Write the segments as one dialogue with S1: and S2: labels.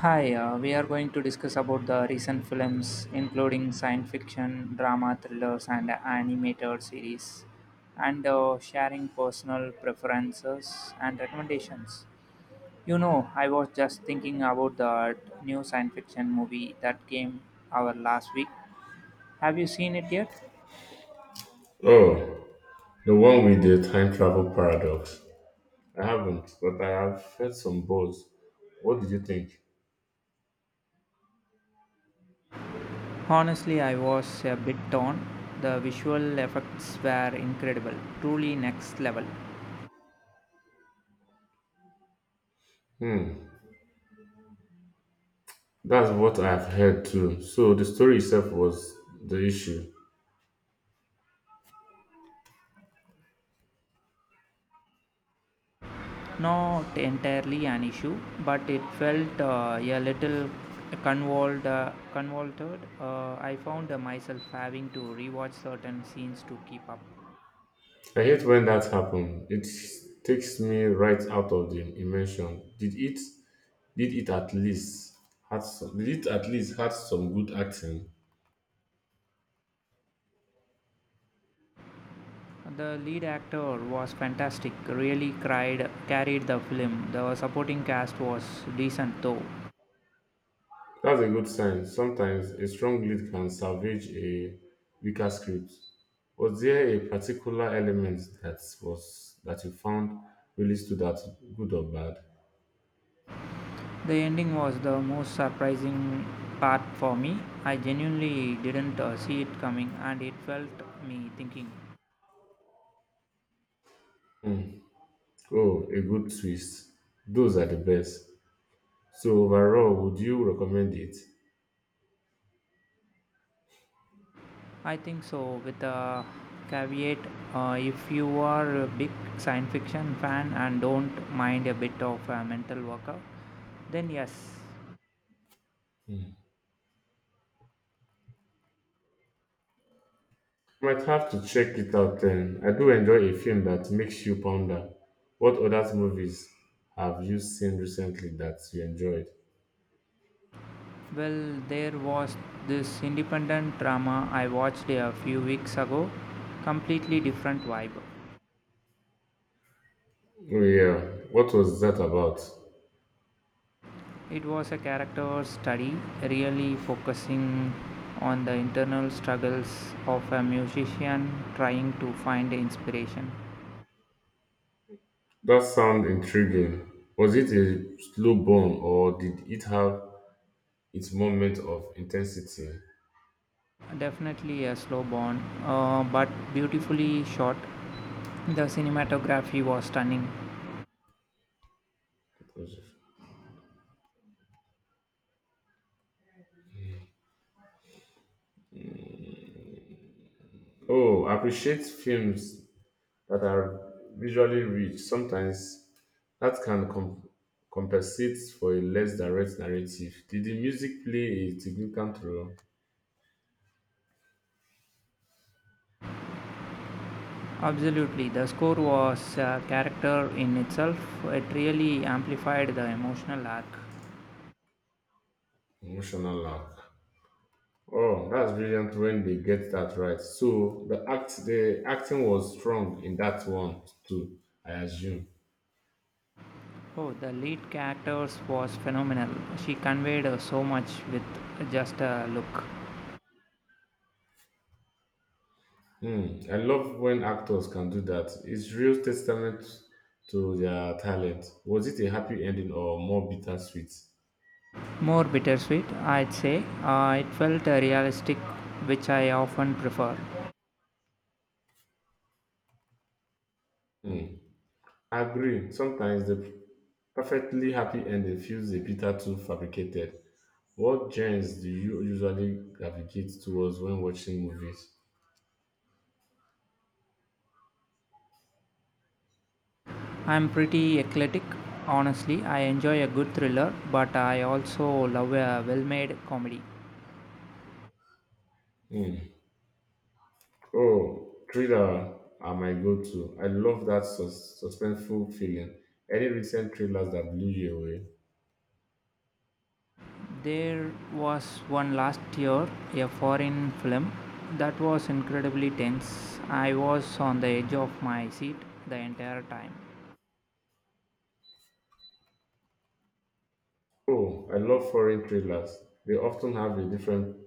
S1: Hi, we are going to discuss about the recent films, including science fiction, drama, thrillers, and animated series, and sharing personal preferences and recommendations. You know, I was just thinking about that new science fiction movie that came our last week. Have you seen it yet?
S2: Oh, the one with the time travel paradox. I haven't, but I have heard some buzz. What did you think?
S1: Honestly, I was a bit torn. The visual effects were incredible, truly next level.
S2: Hmm, that's what I've heard too. So the story itself was the issue.
S1: Not entirely an issue, but it felt a little convoluted. I found myself having to rewatch certain scenes to keep up.
S2: I hate when that happens. It takes me right out of the immersion. Did it? Did it at least had some? Did it at least had some good acting?
S1: The lead actor was fantastic, carried the film. The supporting cast was decent though.
S2: That's a good sign. Sometimes a strong lead can salvage a weaker script. Was there a particular element that you found really stood out, good or bad?
S1: The ending was the most surprising part for me. I genuinely didn't see it coming and it felt me thinking.
S2: Hmm. Oh, a good twist. Those are the best. So overall, would you recommend it?
S1: I think so, with a caveat. If you are a big science fiction fan and don't mind a bit of a mental workout, then yes.
S2: Might have to check it out then. I do enjoy a film that makes you ponder. What other movies have you seen recently that you enjoyed?
S1: Well, there was this independent drama I watched a few weeks ago, completely different vibe.
S2: Oh yeah, what was that about?
S1: It was a character study, really focusing on the internal struggles of a musician trying to find inspiration.
S2: That sounds intriguing. Was it a slow burn or did it have its moment of intensity?
S1: Definitely a slow burn, but beautifully shot. The cinematography was stunning.
S2: Oh, I appreciate films that are visually rich. Sometimes that compensate for a less direct narrative. Did the music play a significant role?
S1: Absolutely, the score was a character in itself. It really amplified the emotional arc.
S2: Emotional arc. Oh, that's brilliant when they get that right. So the acting was strong in that one too. I assume.
S1: Oh, the lead characters was phenomenal. She conveyed so much with just a look.
S2: Mm, I love when actors can do that. It's real testament to their talent. Was it a happy ending or more bittersweet?
S1: More bittersweet, I'd say. It felt realistic, which I often prefer.
S2: Mm, I agree. Sometimes the perfectly happy ending feels a bitter too fabricated. What genres do you usually gravitate towards when watching movies?
S1: I'm pretty eclectic, honestly. I enjoy a good thriller, but I also love a well made comedy.
S2: Mm. Oh, thriller are my go-to. I love that suspenseful feeling. Any recent thrillers that blew you away?
S1: There was one last year, a foreign film, that was incredibly tense. I was on the edge of my seat the entire time.
S2: Oh, I love foreign thrillers. They often have a different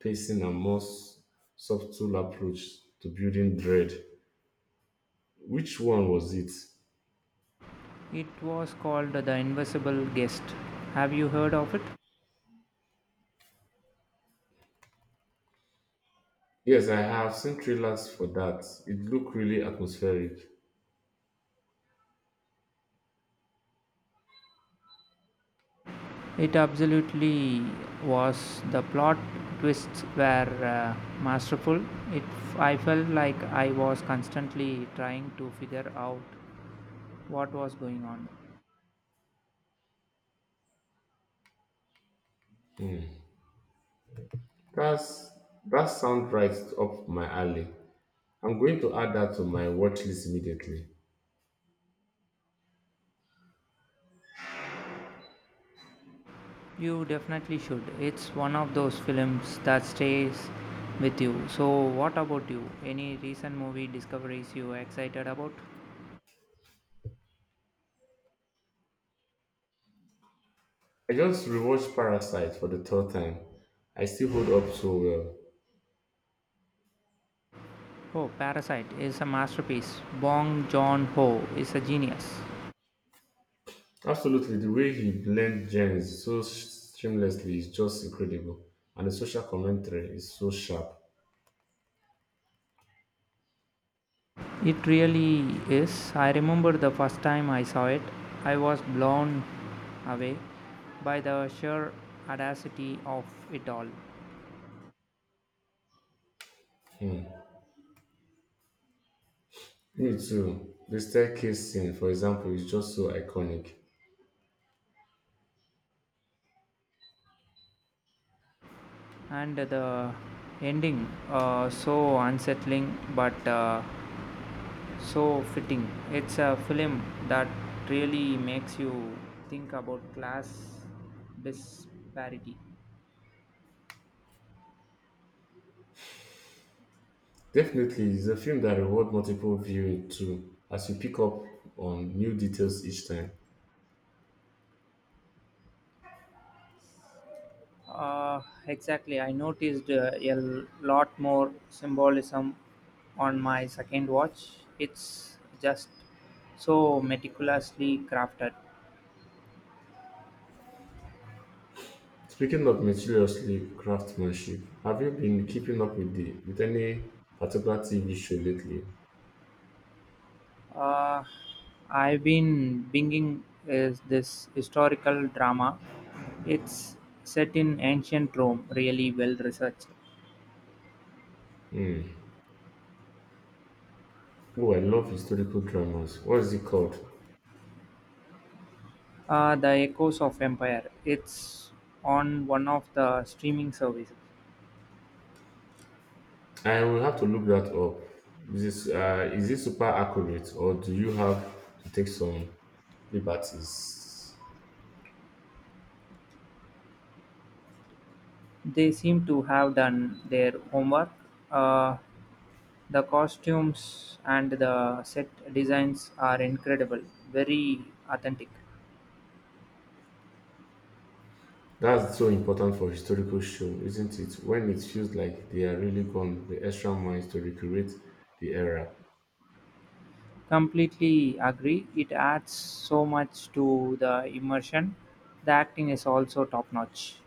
S2: pacing and more subtle approach to building dread. Which one was it?
S1: It was called The Invisible Guest. Have you heard of it?
S2: Yes, I have seen thrillers for that. It looked really atmospheric.
S1: It absolutely was. The plot twists were masterful. It I felt like I was constantly trying to figure out what was going on.
S2: That's that sounds right up my alley. I'm going to add that to my watch list immediately.
S1: You definitely should. It's one of those films that stays with you. So what about you? Any recent movie discoveries you are excited about?
S2: I just rewatched Parasite for the third time. I still hold up so well.
S1: Oh, Parasite is a masterpiece. Bong Joon-ho is a genius.
S2: Absolutely, the way he blends genres so seamlessly is just incredible, and the social commentary is so sharp.
S1: It really is. I remember the first time I saw it, I was blown away by the sheer audacity of it all.
S2: Me too. The staircase scene, for example, is just so iconic.
S1: And the ending, so unsettling but so fitting. It's a film that really makes you think about class disparity.
S2: Definitely, it's a film that rewards multiple viewing too, as you pick up on new details each time.
S1: Uh, exactly. I noticed a lot more symbolism on my second watch. It's just so meticulously crafted.
S2: Speaking of meticulously craftsmanship, have you been keeping up with the with any particular TV show lately?
S1: Uh, I've been binging is this historical drama. It's set in ancient Rome, really well researched.
S2: Oh, I love historical dramas. What is it called?
S1: The Echoes of Empire. It's on one of the streaming services.
S2: I will have to look that up. Is this, is it super accurate or do you have to take some liberties?
S1: They seem to have done their homework. Uh, The costumes and the set designs are incredible, very authentic.
S2: That's so important for historical show, isn't it? When it feels like they are really gone the extra mile to recreate the era.
S1: Completely agree. It adds so much to the immersion. The acting is also top notch.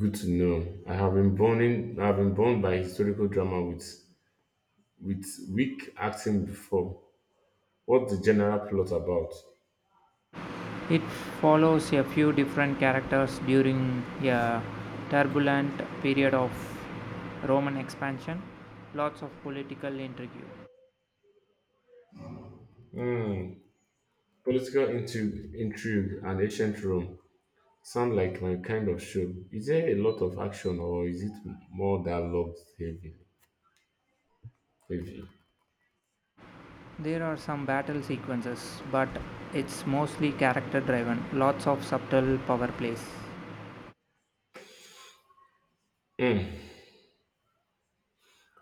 S2: Good to know. I've been burned by historical drama with weak acting before. What the general plot about?
S1: It follows a few different characters during a turbulent period of Roman expansion, lots of political intrigue.
S2: Hmm. Political intrigue, intrigue and ancient Rome sound like my kind of show. Is there a lot of action or is it more dialogue heavy? Heavy?
S1: There are some battle sequences, but it's mostly character driven, lots of subtle power plays.
S2: Hmm,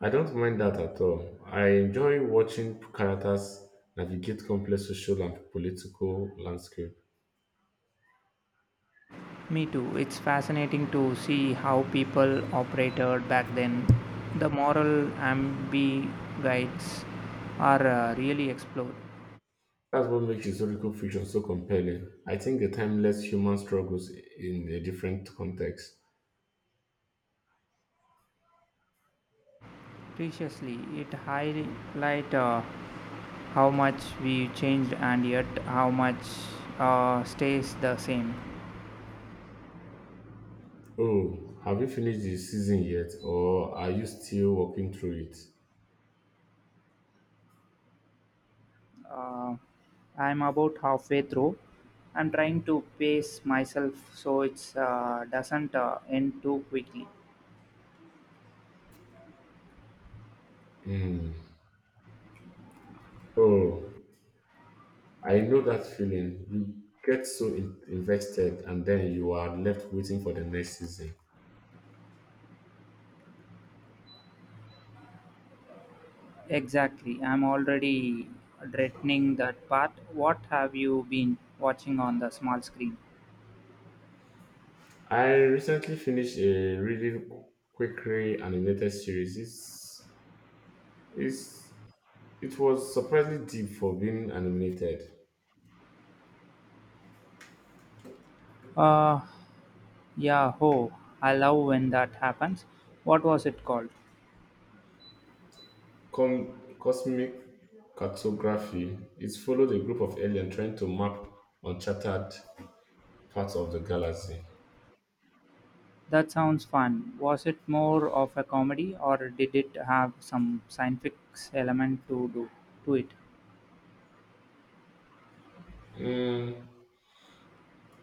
S2: I don't mind that at all. I enjoy watching characters navigate complex social and political landscape.
S1: Me too. It's fascinating to see how people operated back then. The moral ambiguities are really explored
S2: That's what makes historical fiction so compelling. I think the timeless human struggles in a different context.
S1: preciously. It highlight how much we changed and yet how much stays the same.
S2: Oh, have you finished the season yet, or are you still working through it?
S1: Uh, I'm about halfway through. I'm trying to pace myself so it doesn't end too quickly.
S2: Hmm. Oh, I know that feeling. You get so invested and then you are left waiting for the next season.
S1: Exactly. I'm already dreading that part. What have you been watching on the small screen?
S2: I recently finished a really quickly animated series. It's, it was surprisingly deep for being animated.
S1: Uh, yeah, ho. I love when that happens. What was it called?
S2: Cosmic cartography. It followed a group of aliens trying to map uncharted parts of the galaxy.
S1: That sounds fun. Was it more of a comedy or did it have some scientific element to it?
S2: Mm,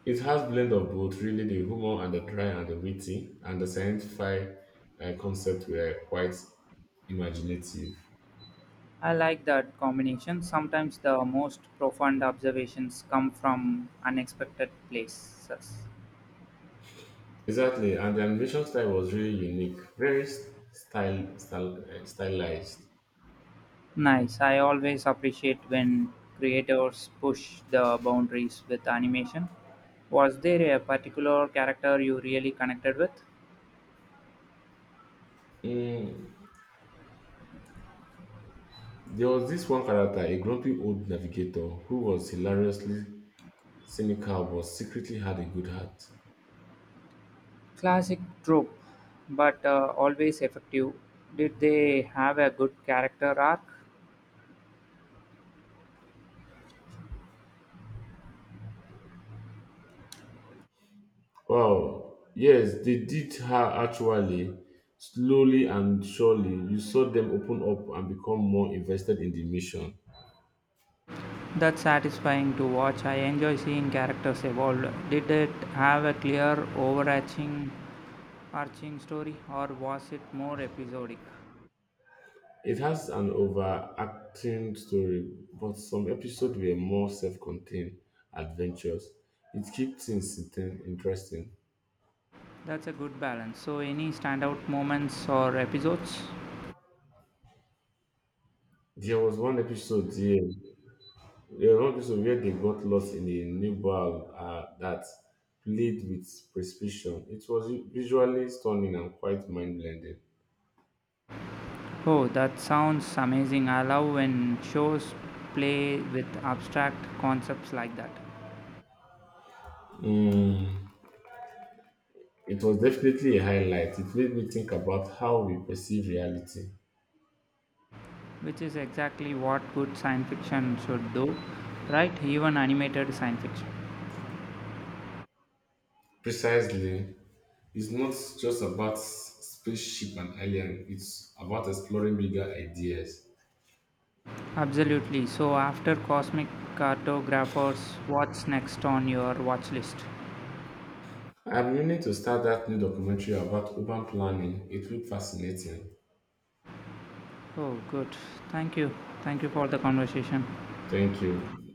S2: it has blend of both, really the humor and the dry and the witty, and the sci-fi concept were quite imaginative.
S1: I like that combination. Sometimes the most profound observations come from unexpected places.
S2: Exactly, and the animation style was really unique, very style, style stylized.
S1: Nice. I always appreciate when creators push the boundaries with animation. Was there a particular character you really connected with?
S2: Mm, there was this one character, a grumpy old navigator, who was hilariously cynical but secretly had a good heart.
S1: Classic trope, but always effective. Did they have a good character arc?
S2: Wow. Yes, they did her actually. Slowly and surely, you saw them open up and become more invested in the mission.
S1: That's satisfying to watch. I enjoy seeing characters evolve. Did it have a clear overarching arching story or was it more episodic?
S2: It has an overacting story, but some episodes were more self contained adventures. It keeps things interesting.
S1: That's a good balance. So any standout moments or episodes?
S2: There was one episode here, there was one episode where they got lost in a new bar that played with precision. It was visually stunning and quite mind blending.
S1: Oh, that sounds amazing. I love when shows play with abstract concepts like that,
S2: It was definitely a highlight. It made me think about how we perceive reality.
S1: which is exactly what good science fiction should do, right? Even animated science fiction.
S2: Precisely, it's not just about spaceship and alien, it's about exploring bigger ideas.
S1: Absolutely. So, after Cosmic Cartographers, what's next on your watch list?
S2: I'm meaning to start that new documentary about urban planning. It looked fascinating.
S1: Oh, good. Thank you. Thank you for the conversation.
S2: Thank you.